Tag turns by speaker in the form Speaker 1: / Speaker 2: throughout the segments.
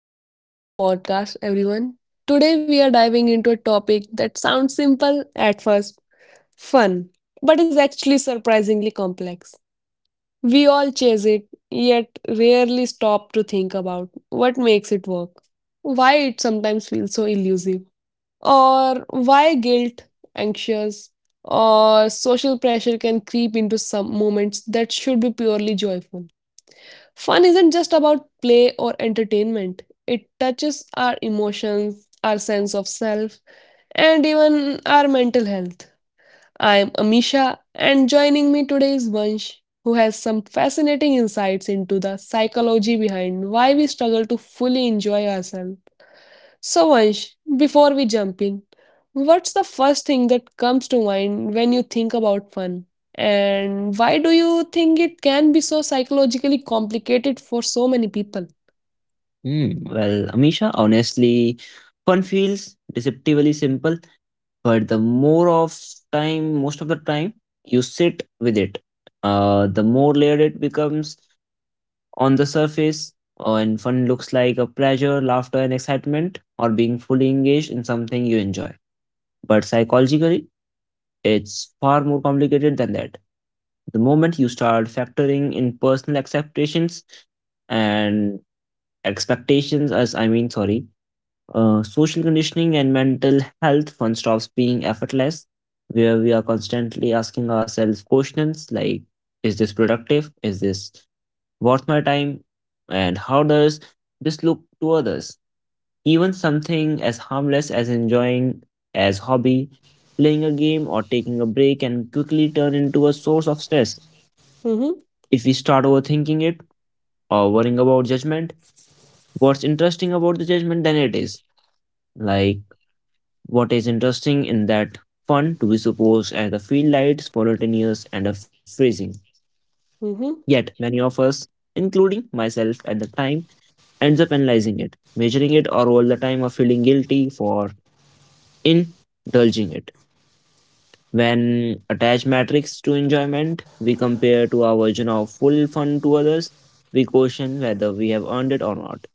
Speaker 1: back to the podcast, everyone. Today, we are diving into a topic that sounds simple at first, fun, but is actually surprisingly complex. We all chase it, yet rarely stop to think about what makes it work, why it sometimes feels so elusive, or why guilt, anxious, or social pressure can creep into some moments that should be purely joyful. Fun isn't just about play or entertainment, it touches our emotions, our sense of self, and even our mental health. I'm Amisha, and joining me today is Vansh, who has some fascinating insights into the psychology behind why we struggle to fully enjoy ourselves. So, Ansh, before we jump in, what's the first thing that comes to mind when you think about fun? And why do you think it can be so psychologically complicated for so many people?
Speaker 2: Hmm. Well, Amisha, honestly, fun feels deceptively simple, but the more of time, most of the time, you sit with it, the more layered it becomes on the surface. And fun looks like a pleasure, laughter, and excitement, or being fully engaged in something you enjoy. But psychologically, it's far more complicated than that. The moment you start factoring in personal acceptations and expectations, as I mean, sorry, social conditioning and mental health fun stops being effortless, where we are constantly asking ourselves questions like, is this productive? Is this worth my time? And how does this look to others? Even something as harmless as enjoying as hobby, playing a game or taking a break can quickly turn into a source of stress
Speaker 1: Mm-hmm,
Speaker 2: if we start overthinking it or worrying about judgment. What's interesting about the judgment then it is like What is interesting in that fun to be supposed as the field lights, spontaneous and a freezing.
Speaker 1: mm-hmm,
Speaker 2: Yet many of us, including myself at the time, ends up analyzing it, measuring it or all the time of feeling guilty for indulging it. When attached metrics to enjoyment, we compare to our version of full fun to others, we question whether we have earned it or not.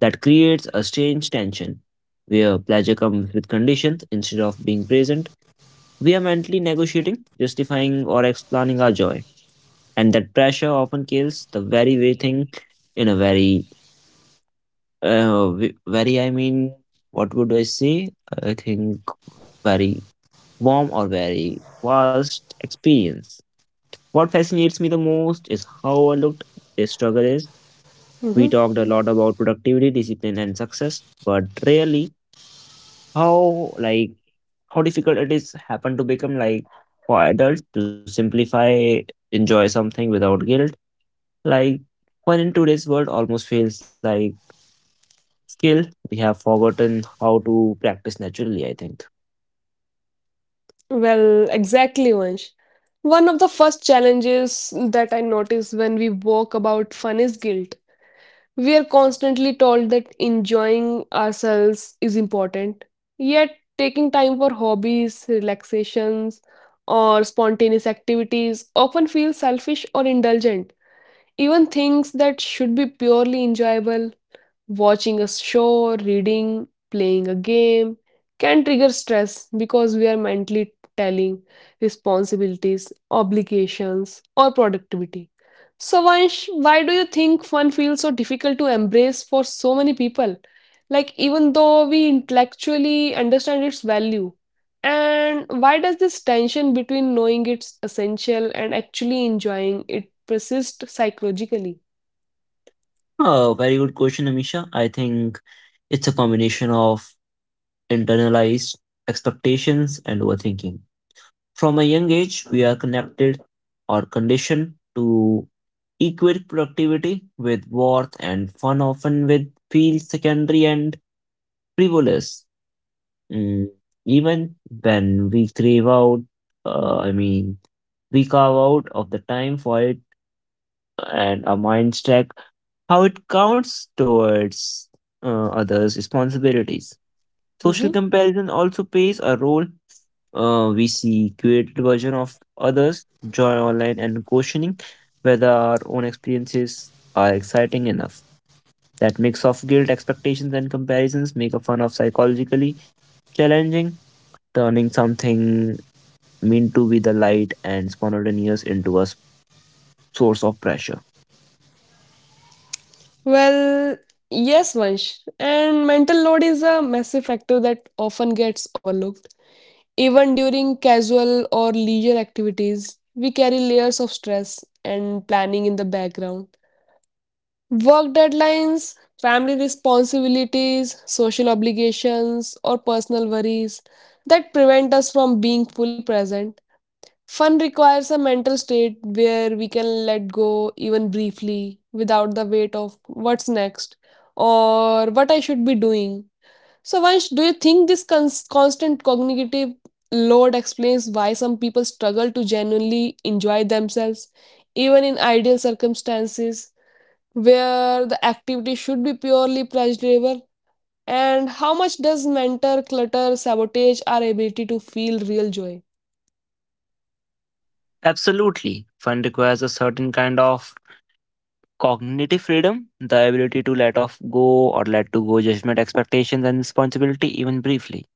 Speaker 2: That creates a strange tension where pleasure comes with conditions instead of being present. We are mentally negotiating, justifying, or explaining our joy. And that pressure often kills the very way thing in a very, ve- very, I mean, what would I say? I think very warm or very vast experience. What fascinates me the most is how overlooked this struggle is.
Speaker 1: mm-hmm.
Speaker 2: We talked a lot about productivity, discipline, and success, but really how like how difficult it is happen to become like for adults to simplify enjoy something without guilt like when in today's world almost feels like skill we have forgotten how to practice naturally I think.
Speaker 1: Well, exactly, Vansh. One of the first challenges that I notice when we walk about fun is guilt. We are constantly told that enjoying ourselves is important, yet, taking time for hobbies, relaxations, or spontaneous activities often feels selfish or indulgent. Even things that should be purely enjoyable, watching a show, reading, playing a game, can trigger stress because we are mentally telling responsibilities, obligations, or productivity. So, Vansh, why do you think fun feels so difficult to embrace for so many people? Like, even though we intellectually understand its value, and why does this tension between knowing it's essential and actually enjoying it persist psychologically?
Speaker 2: Oh, very good question, Amisha. I think it's a combination of internalized expectations and overthinking. From a young age we are connected or conditioned to equate productivity with worth and fun often with feels secondary and frivolous. Mm, Even when we crave out, I mean, we carve out of the time for it and our minds track how it counts towards others' responsibilities. Social
Speaker 1: Mhm.
Speaker 2: comparison also plays a role. We see curated version of others, joy online, and questioning whether our own experiences are exciting enough. That mix of guilt, expectations, and comparisons make a fun of psychologically challenging, turning something meant to be the light and spontaneous into source of pressure.
Speaker 1: Well, yes, Vansh. And mental load is a massive factor that often gets overlooked. Even during casual or leisure activities, we carry layers of stress and planning in the background. Work deadlines, family responsibilities, social obligations, or personal worries that prevent us from being fully present. Fun requires a mental state where we can let go even briefly without the weight of what's next or what I should be doing. So, Vansh, do you think this constant cognitive load explains why some people struggle to genuinely enjoy themselves, even in ideal circumstances where the activity should be purely pleasurable? And how much does mental clutter sabotage our ability to feel real joy?
Speaker 2: Absolutely. Fun requires a certain kind of cognitive freedom, the ability to let off go or let to go judgment, expectations, and responsibility, even briefly.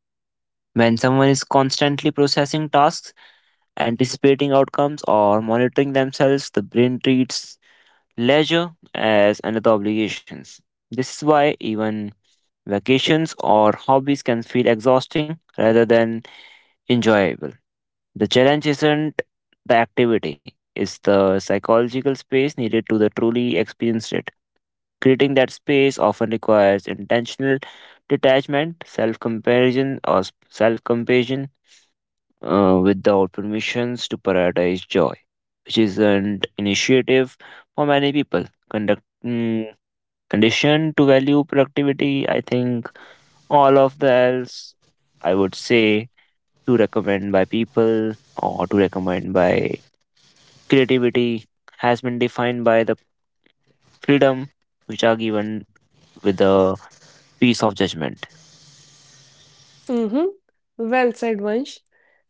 Speaker 2: When someone is constantly processing tasks, anticipating outcomes, or monitoring themselves, the brain treats leisure as another obligation. This is why even vacations or hobbies can feel exhausting rather than enjoyable. The challenge isn't the activity, it's the psychological space needed to the truly experience it. Creating that space often requires intentional detachment, self comparison, or self compassion without permissions to prioritize joy, which is an initiative for many people. Conduct, mm, Conditioned to value productivity, I think all of the else, I would say to recommend by people or to recommend by creativity has been defined by the freedom which are given with the piece of judgment.
Speaker 1: Mm-hmm. Well said, Vansh.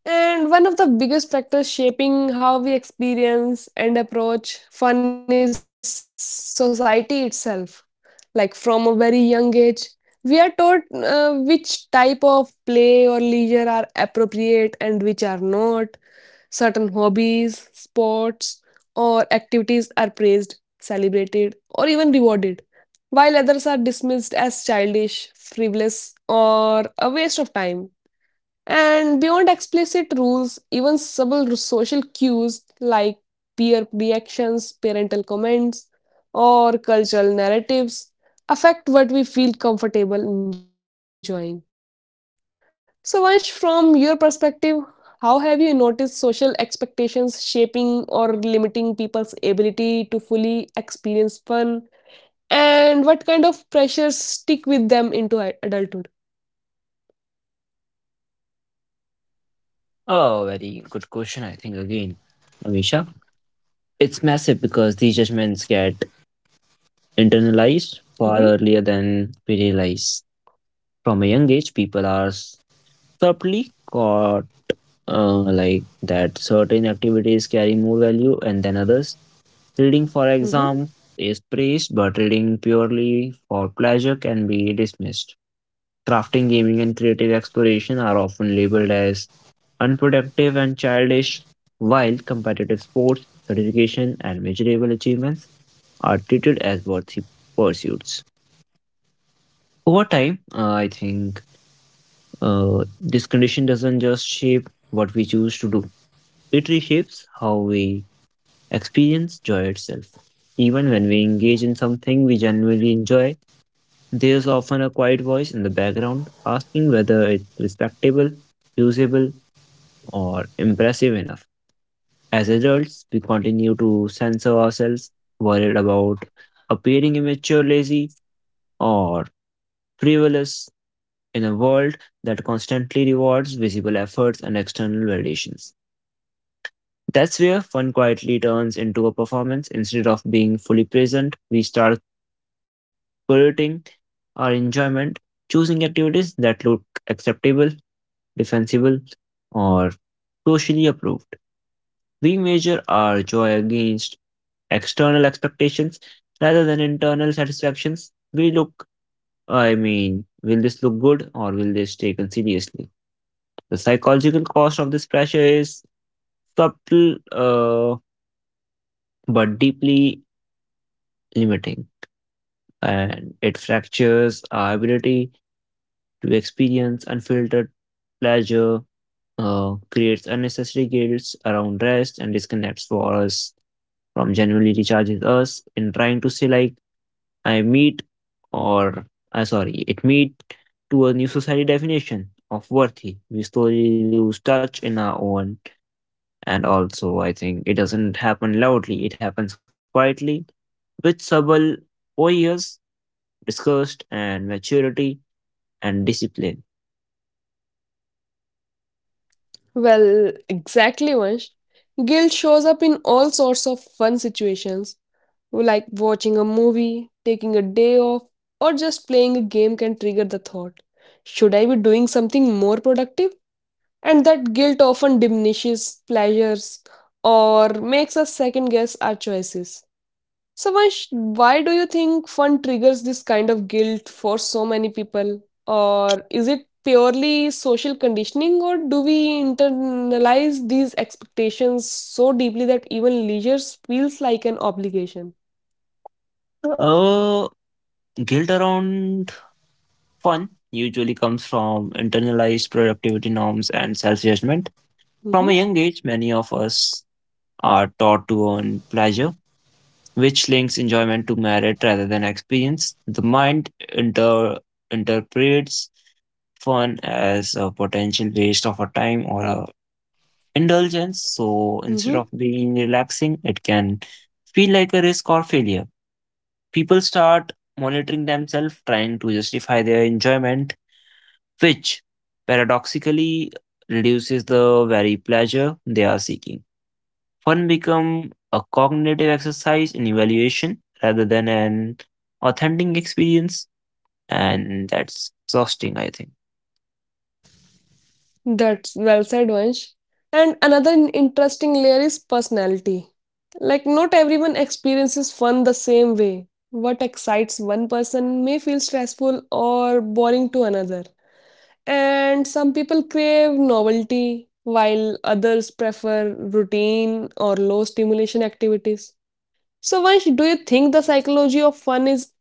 Speaker 1: And one of the biggest factors shaping how we experience and approach fun is society itself. Like, from a very young age, we are taught which type of play or leisure are appropriate and which are not. Certain hobbies, sports, or activities are praised, celebrated, or even rewarded, while others are dismissed as childish, frivolous, or a waste of time. And beyond explicit rules, even subtle social cues like peer reactions, parental comments, or cultural narratives affect what we feel comfortable enjoying. So, Vansh, from your perspective, how have you noticed social expectations shaping or limiting people's ability to fully experience fun? And what kind of pressures stick with them into adulthood?
Speaker 2: Oh, very good question, I think, again, Amisha. It's massive because these judgments get internalized far earlier
Speaker 1: Mm-hmm.
Speaker 2: than we realize. From a young age, people are subtly caught like that certain activities carry more value and than others. Reading for exam is
Speaker 1: Mm-hmm.
Speaker 2: praised, but reading purely for pleasure can be dismissed. Crafting, gaming, and creative exploration are often labeled as unproductive and childish, while competitive sports, certification, and measurable achievements are treated as worthy pursuits. Over time, I think this condition doesn't just shape what we choose to do, it reshapes how we experience joy itself. Even when we engage in something we genuinely enjoy, there's often a quiet voice in the background asking whether it's respectable, usable, or impressive enough. As adults, we continue to censor ourselves, worried about appearing immature, lazy, or frivolous in a world that constantly rewards visible efforts and external validations. That's where fun quietly turns into a performance instead of being fully present. We start polluting our enjoyment, choosing activities that look acceptable, defensible, or socially approved. We measure our joy against external expectations rather than internal satisfactions. We look, I mean, Will this look good or will this taken seriously? The psychological cost of this pressure is subtle but deeply limiting, and it fractures our ability to experience unfiltered pleasure, creates unnecessary guilt around rest and disconnects for us from genuinely recharges us in trying to say like I meet or sorry it meet to a new society definition of worthy. We slowly lose touch in our own, and also I think it doesn't happen loudly, it happens quietly with subtle 4 years discussed and maturity and discipline.
Speaker 1: Well, exactly, Vansh. Guilt shows up in all sorts of fun situations, like watching a movie, taking a day off, or just playing a game can trigger the thought, should I be doing something more productive? And that guilt often diminishes pleasures or makes us second guess our choices. Samash, why do you think fun triggers this kind of guilt for so many people? Or is it purely social conditioning, or do we internalize these expectations so deeply that even leisure feels like an obligation?
Speaker 2: Uh, Guilt around fun usually comes from internalized productivity norms and self judgment. From a
Speaker 1: Mm-hmm.
Speaker 2: young age, many of us are taught to earn pleasure, which links enjoyment to merit rather than experience. Interprets fun as a potential waste of our time or a indulgence. So instead
Speaker 1: Mm-hmm.
Speaker 2: of being relaxing, it can feel like a risk or failure. People start monitoring themselves, trying to justify their enjoyment which paradoxically reduces the very pleasure they are seeking. Fun become a cognitive exercise in evaluation rather than an authentic experience, and that's exhausting, I think.
Speaker 1: That's well said, Vansh. And another interesting layer is personality. Like, not everyone experiences fun the same way. What excites one person may feel stressful or boring to another. And some people crave novelty, while others prefer routine or low stimulation activities. So, Vansh, do you think the psychology of fun is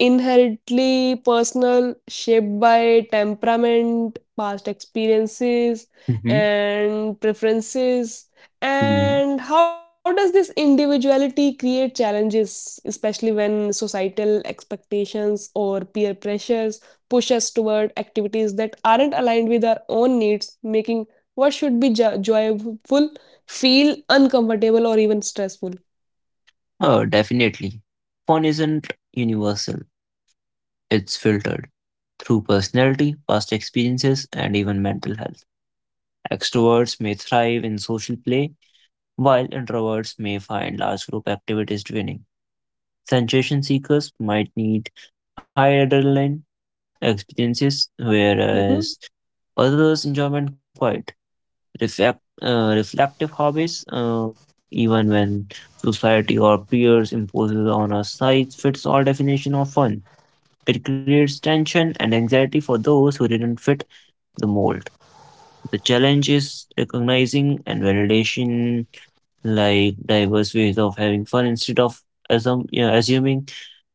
Speaker 1: inherently personal, shaped by temperament, past experiences, and preferences?
Speaker 2: hmm
Speaker 1: And how does this individuality create challenges, especially when societal expectations or peer pressures push us toward activities that aren't aligned with our own needs, making what should be joyful feel uncomfortable or even stressful?
Speaker 2: Oh, definitely. Fun isn't universal, it's filtered through personality, past experiences, and even mental health. Extroverts may thrive in social play, while introverts may find large group activities draining. Sensation seekers might need high adrenaline
Speaker 1: Mm-hmm.
Speaker 2: experiences, whereas others enjoyment quiet, reflective hobbies, even when society or peers imposes on a size fits all definition of fun. It creates tension and anxiety for those who didn't fit the mold. The challenge is recognizing and validation like diverse ways of having fun instead of assuming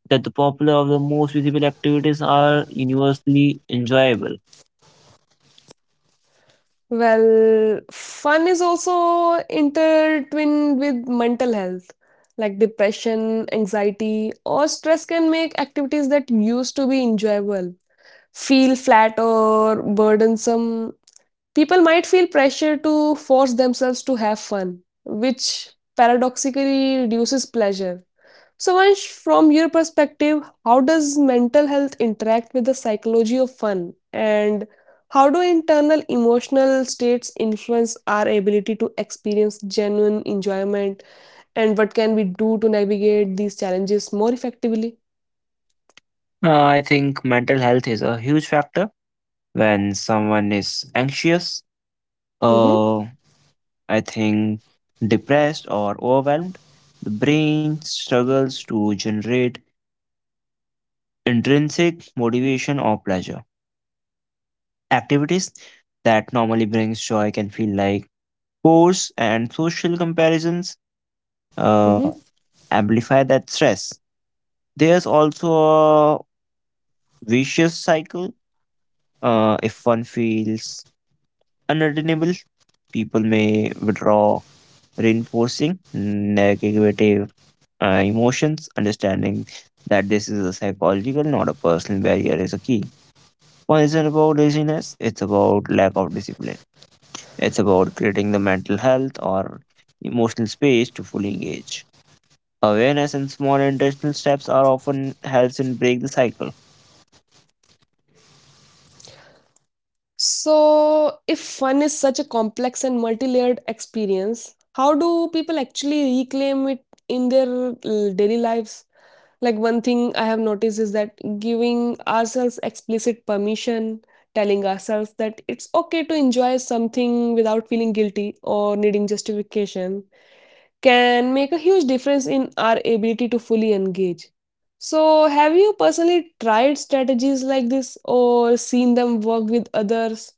Speaker 2: that the popular or the most visible activities are universally enjoyable.
Speaker 1: Well, fun is also intertwined with mental health, like depression, anxiety, or stress can make activities that used to be enjoyable feel flat or burdensome. People might feel pressure to force themselves to have fun, which paradoxically reduces pleasure. So, Ansh, from your perspective, how does mental health interact with the psychology of fun? And how do internal emotional states influence our ability to experience genuine enjoyment? And what can we do to navigate these challenges more effectively?
Speaker 2: I think mental health is a huge factor when someone is anxious. Uh,
Speaker 1: Mm-hmm,
Speaker 2: I think Depressed or overwhelmed, the brain struggles to generate intrinsic motivation or pleasure. Activities that normally brings joy can feel like force, and social comparisons uh,
Speaker 1: mm-hmm.
Speaker 2: amplify that stress. There's also vicious cycle. If one feels unredeemable, people may withdraw, reinforcing negative emotions. Understanding that this is a psychological, not a personal barrier, is a key. One is it about laziness, it's about lack of discipline. It's about creating the mental health or emotional space to fully engage. Awareness and small intentional steps are often helps in break the cycle.
Speaker 1: So, if fun is such a complex and multi layered experience, how do people actually reclaim it in their daily lives? Like, one thing I have noticed is that giving ourselves explicit permission, telling ourselves that it's okay to enjoy something without feeling guilty or needing justification, can make a huge difference in our ability to fully engage. So, have you personally tried strategies like this or seen them work with others?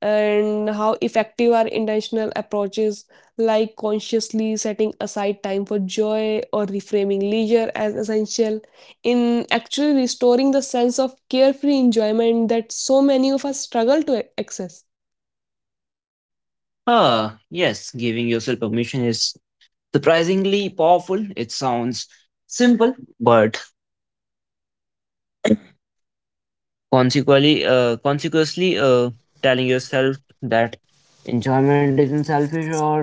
Speaker 1: And how effective are intentional approaches like consciously setting aside time for joy or reframing leisure as essential in actually restoring the sense of carefree enjoyment that so many of us struggle to access?
Speaker 2: Ah, yes, giving yourself permission is surprisingly powerful. It sounds simple, but consequently, telling yourself that enjoyment isn't selfish or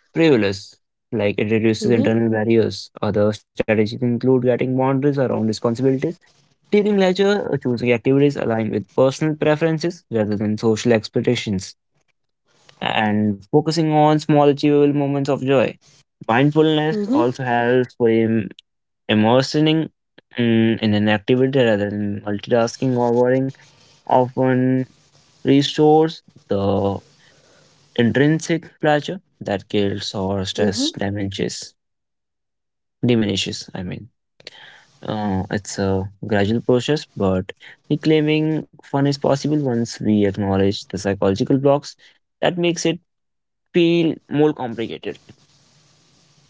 Speaker 2: frivolous, like, it
Speaker 1: Mm-hmm,
Speaker 2: reduces internal barriers. Other strategies include getting boundaries around responsibilities, teaching leisure, or choosing activities aligned with personal preferences rather than social expectations, and focusing on small achievable moments of joy. Mindfulness
Speaker 1: mm-hmm,
Speaker 2: also helps frame immersing in an activity rather than multitasking or worrying often restores the intrinsic pleasure that guilt or stress
Speaker 1: mm-hmm.
Speaker 2: damages, diminishes. It's a gradual process, but reclaiming fun is possible once we acknowledge the psychological blocks that makes it feel more complicated.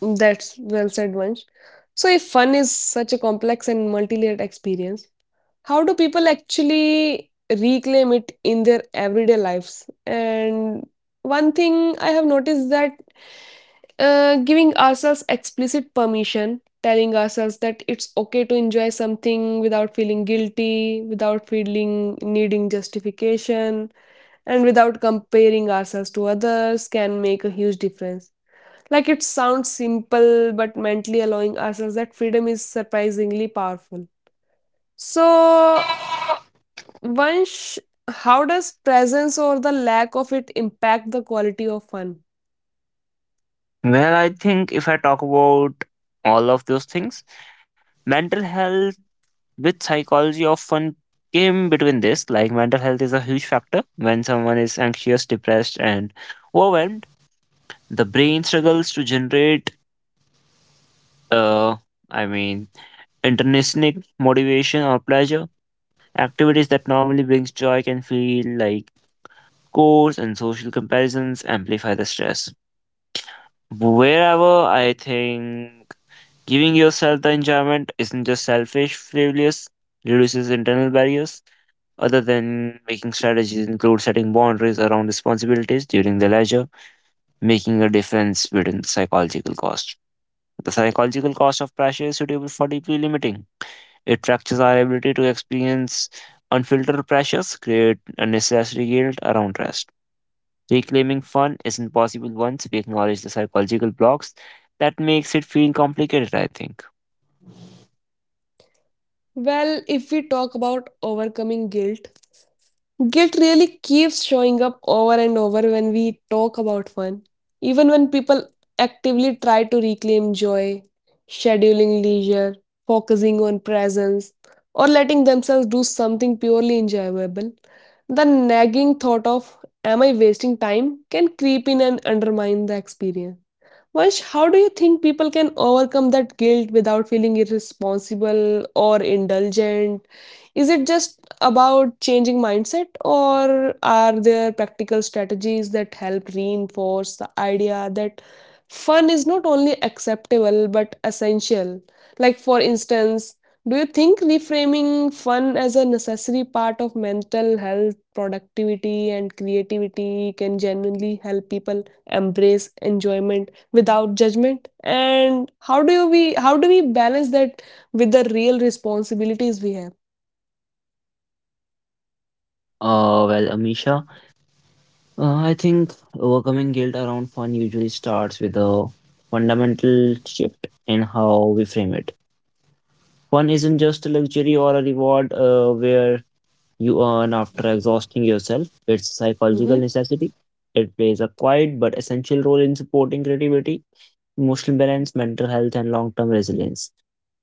Speaker 1: That's well said, Vansh. So, if fun is such a complex and multi-layered experience, how do people actually reclaim it in their everyday lives? And one thing I have noticed that giving ourselves explicit permission, telling ourselves that it's okay to enjoy something without feeling guilty, without feeling needing justification, and without comparing ourselves to others can make a huge difference. Like, it sounds simple, but mentally allowing ourselves that freedom is surprisingly powerful. So, Vansh, how does presence or the lack of it impact the quality of fun?
Speaker 2: Well, I think if I talk about all of those things, mental health with psychology often came between this, like mental health is a huge factor when someone is anxious, depressed and overwhelmed. The brain struggles to generate uh i mean intrinsic motivation or pleasure. Activities that normally brings joy can feel like chores, and social comparisons amplify the stress. Wherever I think giving yourself the enjoyment isn't just selfish frivolous reduces internal barriers. Other than making strategies include setting boundaries around responsibilities during the leisure, making a difference between psychological cost. The psychological cost of pressure is suitable for deeply limiting. It fractures our ability to experience unfiltered pressures, create unnecessary guilt around rest. Reclaiming fun isn't possible once we acknowledge the psychological blocks that makes it feel complicated, I think.
Speaker 1: Well, if we talk about overcoming guilt, guilt really keeps showing up over and over when we talk about fun, even when people actively try to reclaim joy, scheduling leisure, focusing on presence, or letting themselves do something purely enjoyable. The nagging thought of, am I wasting time? Can creep in and undermine the experience. Vash, how do you think people can overcome that guilt without feeling irresponsible or indulgent? Is it just about changing mindset, or are there practical strategies that help reinforce the idea that fun is not only acceptable but essential? Like, for instance, do you think reframing fun as a necessary part of mental health, productivity, and creativity can genuinely help people embrace enjoyment without judgment? And how do we balance that with the real responsibilities we have?
Speaker 2: Well, Amisha, I think overcoming guilt around fun usually starts with a fundamental shift in how we frame it. Fun isn't just a luxury or a reward where you earn after exhausting yourself, it's a psychological
Speaker 1: Mm-hmm,
Speaker 2: necessity. It plays a quiet but essential role in supporting creativity, emotional balance, mental health, and long term resilience.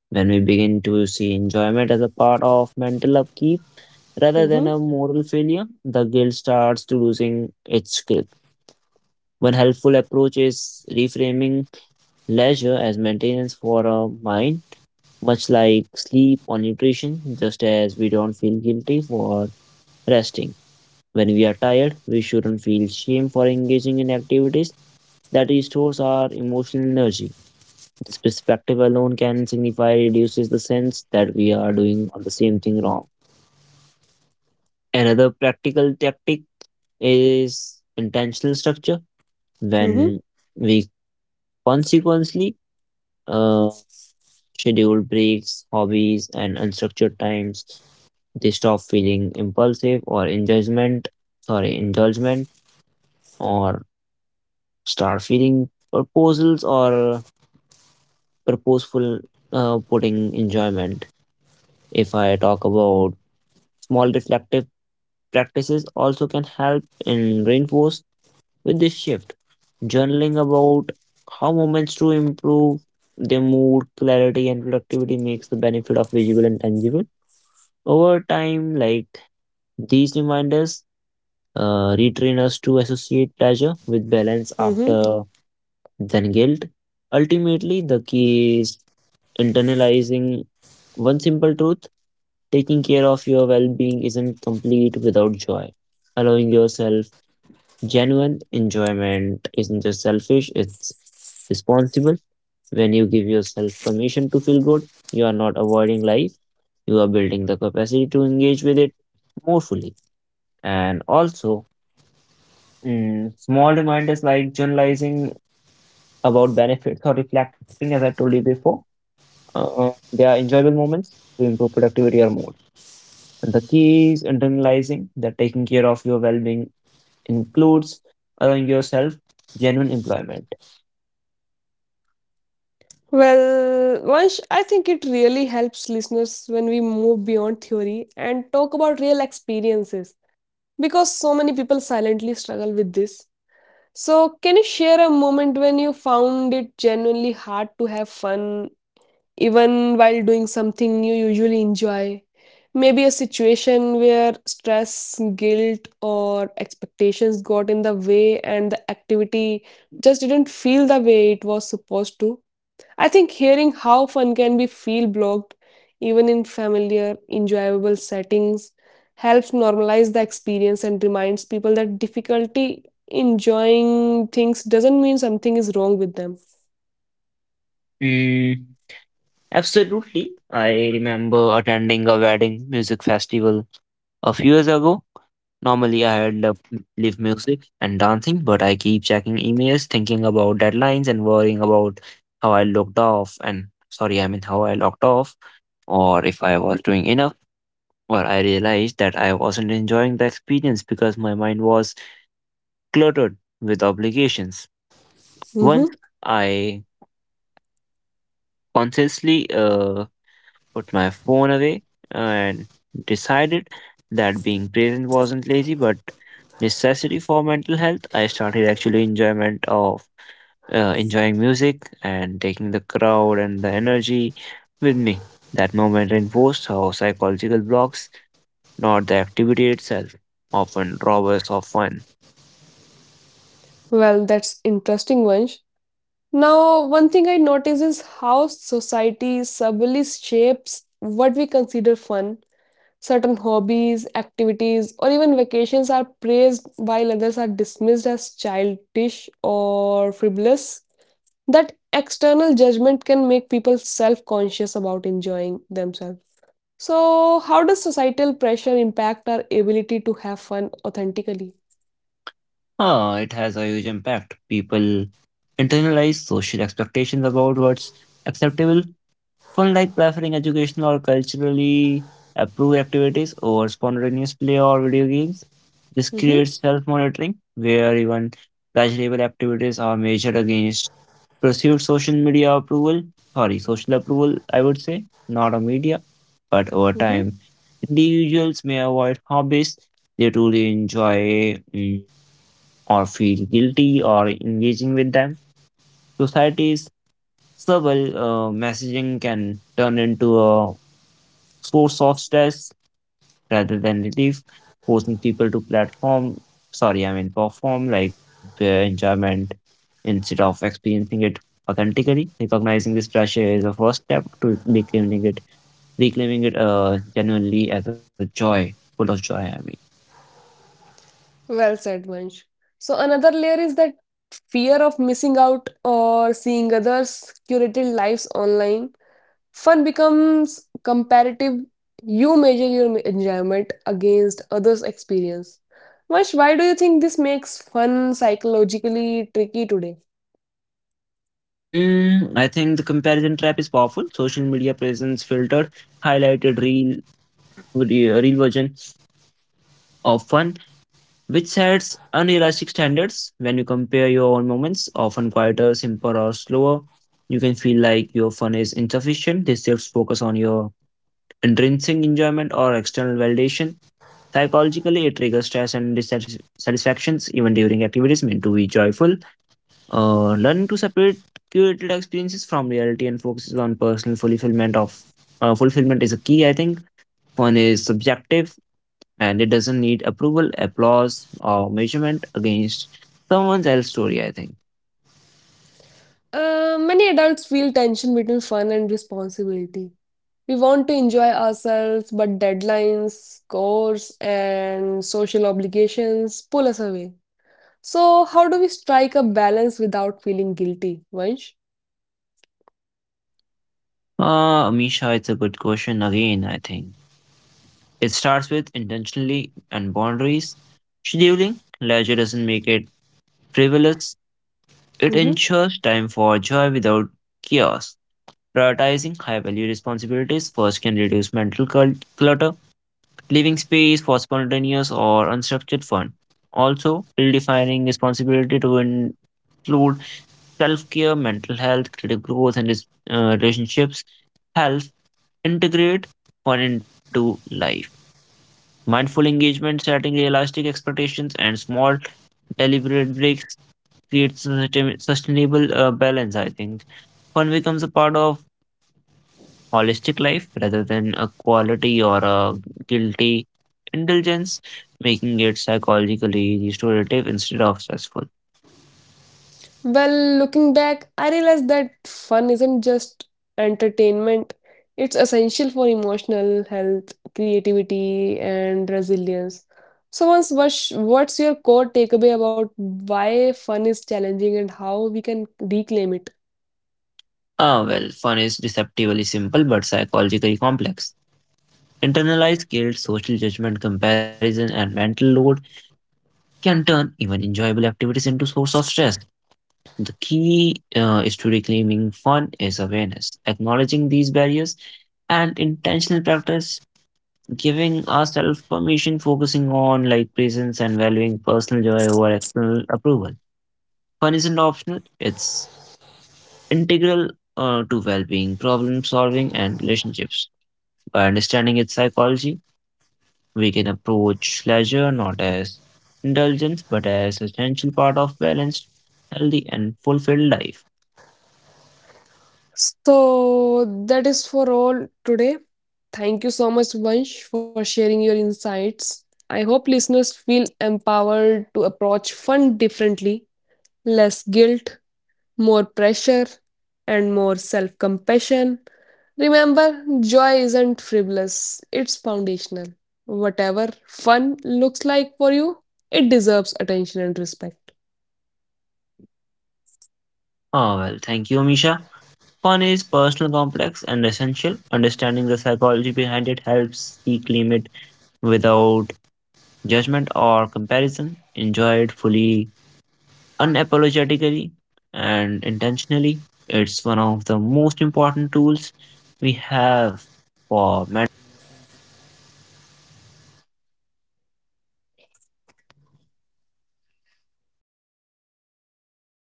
Speaker 2: When we begin to see enjoyment as a part of mental upkeep rather than
Speaker 1: mm-hmm,
Speaker 2: a moral failure, the guilt starts to losing its grip. One helpful approach is reframing leisure as maintenance for our mind, much like sleep or nutrition, just as we don't feel guilty for resting. When we are tired, we shouldn't feel shame for engaging in activities that restores our emotional energy. This perspective alone can signify reduces the sense that we are doing the same thing wrong. Another practical tactic is intentional structure
Speaker 1: mm-hmm,
Speaker 2: when we consequently uh, scheduled breaks, hobbies, and unstructured times. They stop feeling impulsive or indulgent, or start feeling proposals or purposeful putting enjoyment. If I talk about small reflective practices, also can help in reinforce with this shift. Journaling about how moments to improve their mood, clarity, and productivity makes the benefit of visible and tangible. Over time, like these reminders retrain us to associate pleasure with balance
Speaker 1: mm-hmm.
Speaker 2: after than guilt. Ultimately, the key is internalizing one simple truth taking care of your well being isn't complete without joy. Allowing yourself genuine enjoyment isn't just selfish, it's responsible. When you give yourself permission to feel good, you are not avoiding life, you are building the capacity to engage with it more fully. And also, small reminders like journalizing about benefits or reflecting, as I told you before, they are enjoyable moments to improve productivity or mood. And the key is internalizing that taking care of your well being includes allowing yourself genuine employment.
Speaker 1: Well, Vansh, I think it really helps listeners when we move beyond theory and talk about real experiences, because so many people silently struggle with this. So, can you share a moment when you found it genuinely hard to have fun even while doing something you usually enjoy? Maybe a situation where stress, guilt, or expectations got in the way and the activity just didn't feel the way it was supposed to. I think hearing how fun can be feel blocked, even in familiar, enjoyable settings, helps normalize the experience and reminds people that difficulty enjoying things doesn't mean something is wrong with them.
Speaker 2: Mm, absolutely. I remember attending a wedding music festival a few years ago. Normally I had loved live music and dancing, but I keep checking emails, thinking about deadlines and worrying about how I looked off and sorry, I mean how I locked off or if I was doing enough. Or I realized that I wasn't enjoying the experience because my mind was cluttered with obligations. Once
Speaker 1: Hmm.
Speaker 2: I consciously put my phone away, and decided that being present wasn't lazy but necessity for mental health. I started actually enjoyment of enjoying music and taking the crowd and the energy with me. That moment reinforced how psychological blocks, not the activity itself, often rob us of fun.
Speaker 1: Well, that's interesting, Vansh. Now, one thing I notice is how society subtly shapes what we consider fun. Certain hobbies, activities, or even vacations are praised while others are dismissed as childish or frivolous. That external judgment can make people self conscious about enjoying themselves. So, how does societal pressure impact our ability to have fun authentically?
Speaker 2: Ah, it has a huge impact. People internalize social expectations about what's acceptable fun like preferring educational or culturally approved activities over spontaneous play or video games. This creates self monitoring where even pleasurable activities are measured against perceived social approval, I would say, not a media, but over
Speaker 1: Mm-hmm.
Speaker 2: time. Individuals may avoid hobbies they truly enjoy or feel guilty or engaging with them. Society's subtle messaging can turn into a source of stress rather than relief, forcing people to I mean perform like their enjoyment instead of experiencing it authentically. Recognizing this pressure is the first step to reclaiming it genuinely as a joy, full of joy, I mean.
Speaker 1: Well said, Vansh. So another layer is that fear of missing out or seeing others' curated lives online. Fun becomes comparative. You measure your enjoyment against others' experience. Vansh, why do you think this makes fun psychologically tricky today?
Speaker 2: I think the comparison trap is powerful. Social media presence filtered, highlighted real, real version of fun which sets unrealistic standards when you compare your own moments, often quieter, simpler, or slower. You can feel like your fun is insufficient. This shifts focus on your intrinsic enjoyment or external validation. Psychologically, it triggers stress and dissatisfactions even during activities meant to be joyful. Learning to separate curated experiences from reality and focuses on personal fulfillment is a key. I think fun is subjective and it doesn't need approval, applause, or measurement against someone else's story, I think.
Speaker 1: Many adults feel tension between fun and responsibility. We want to enjoy ourselves, but deadlines, scores, and social obligations pull us away. So, how do we strike a balance without feeling guilty, Vansh?
Speaker 2: Misha, it's a good question again, I think. It starts with intentionally and boundaries. Scheduling, leisure doesn't make it frivolous. It
Speaker 1: Hmm.
Speaker 2: ensures time for joy without chaos. Prioritizing high value responsibilities first can reduce mental clutter, leaving space for spontaneous or unstructured fun. Also, redefining responsibility to include self care, mental health, creative growth, and relationships help integrate fun into life. Mindful engagement, setting realistic expectations, and small deliberate breaks creates sustainable balance. I think fun becomes a part of holistic life rather than a quality or a guilty indulgence, making it psychologically restorative instead of stressful.
Speaker 1: Well, looking back, I realized that fun isn't just entertainment, it's essential for emotional health, creativity, and resilience. So, once what's your core takeaway about why fun is challenging and how we can reclaim it?
Speaker 2: Ah, well, fun is deceptively simple but psychologically complex. Internalized guilt, social judgment, comparison, and mental load can turn even enjoyable activities into source of stress. The key is to reclaiming fun is awareness, acknowledging these barriers, and intentional practice, giving ourselves permission, focusing on like presence and valuing personal joy over external approval. Fun isn't optional; it's integral to well-being, problem solving, and relationships. By understanding its psychology, we can approach leisure not as indulgence but as essential part of balanced, healthy and fulfilled life.
Speaker 1: So that is for all today. Thank you so much, Vansh, for sharing your insights. I hope listeners feel empowered to approach fun differently, less guilt, more pressure, and more self compassion. Remember, joy isn't frivolous, it's foundational. Whatever fun looks like for you, it deserves attention and respect.
Speaker 2: Ah well, thank you, Misha. Fun is personal, complex and essential. Understanding the psychology behind it helps you claim it without judgment or comparison. Enjoy it fully, unapologetically and intentionally. It's one of the most important tools we have for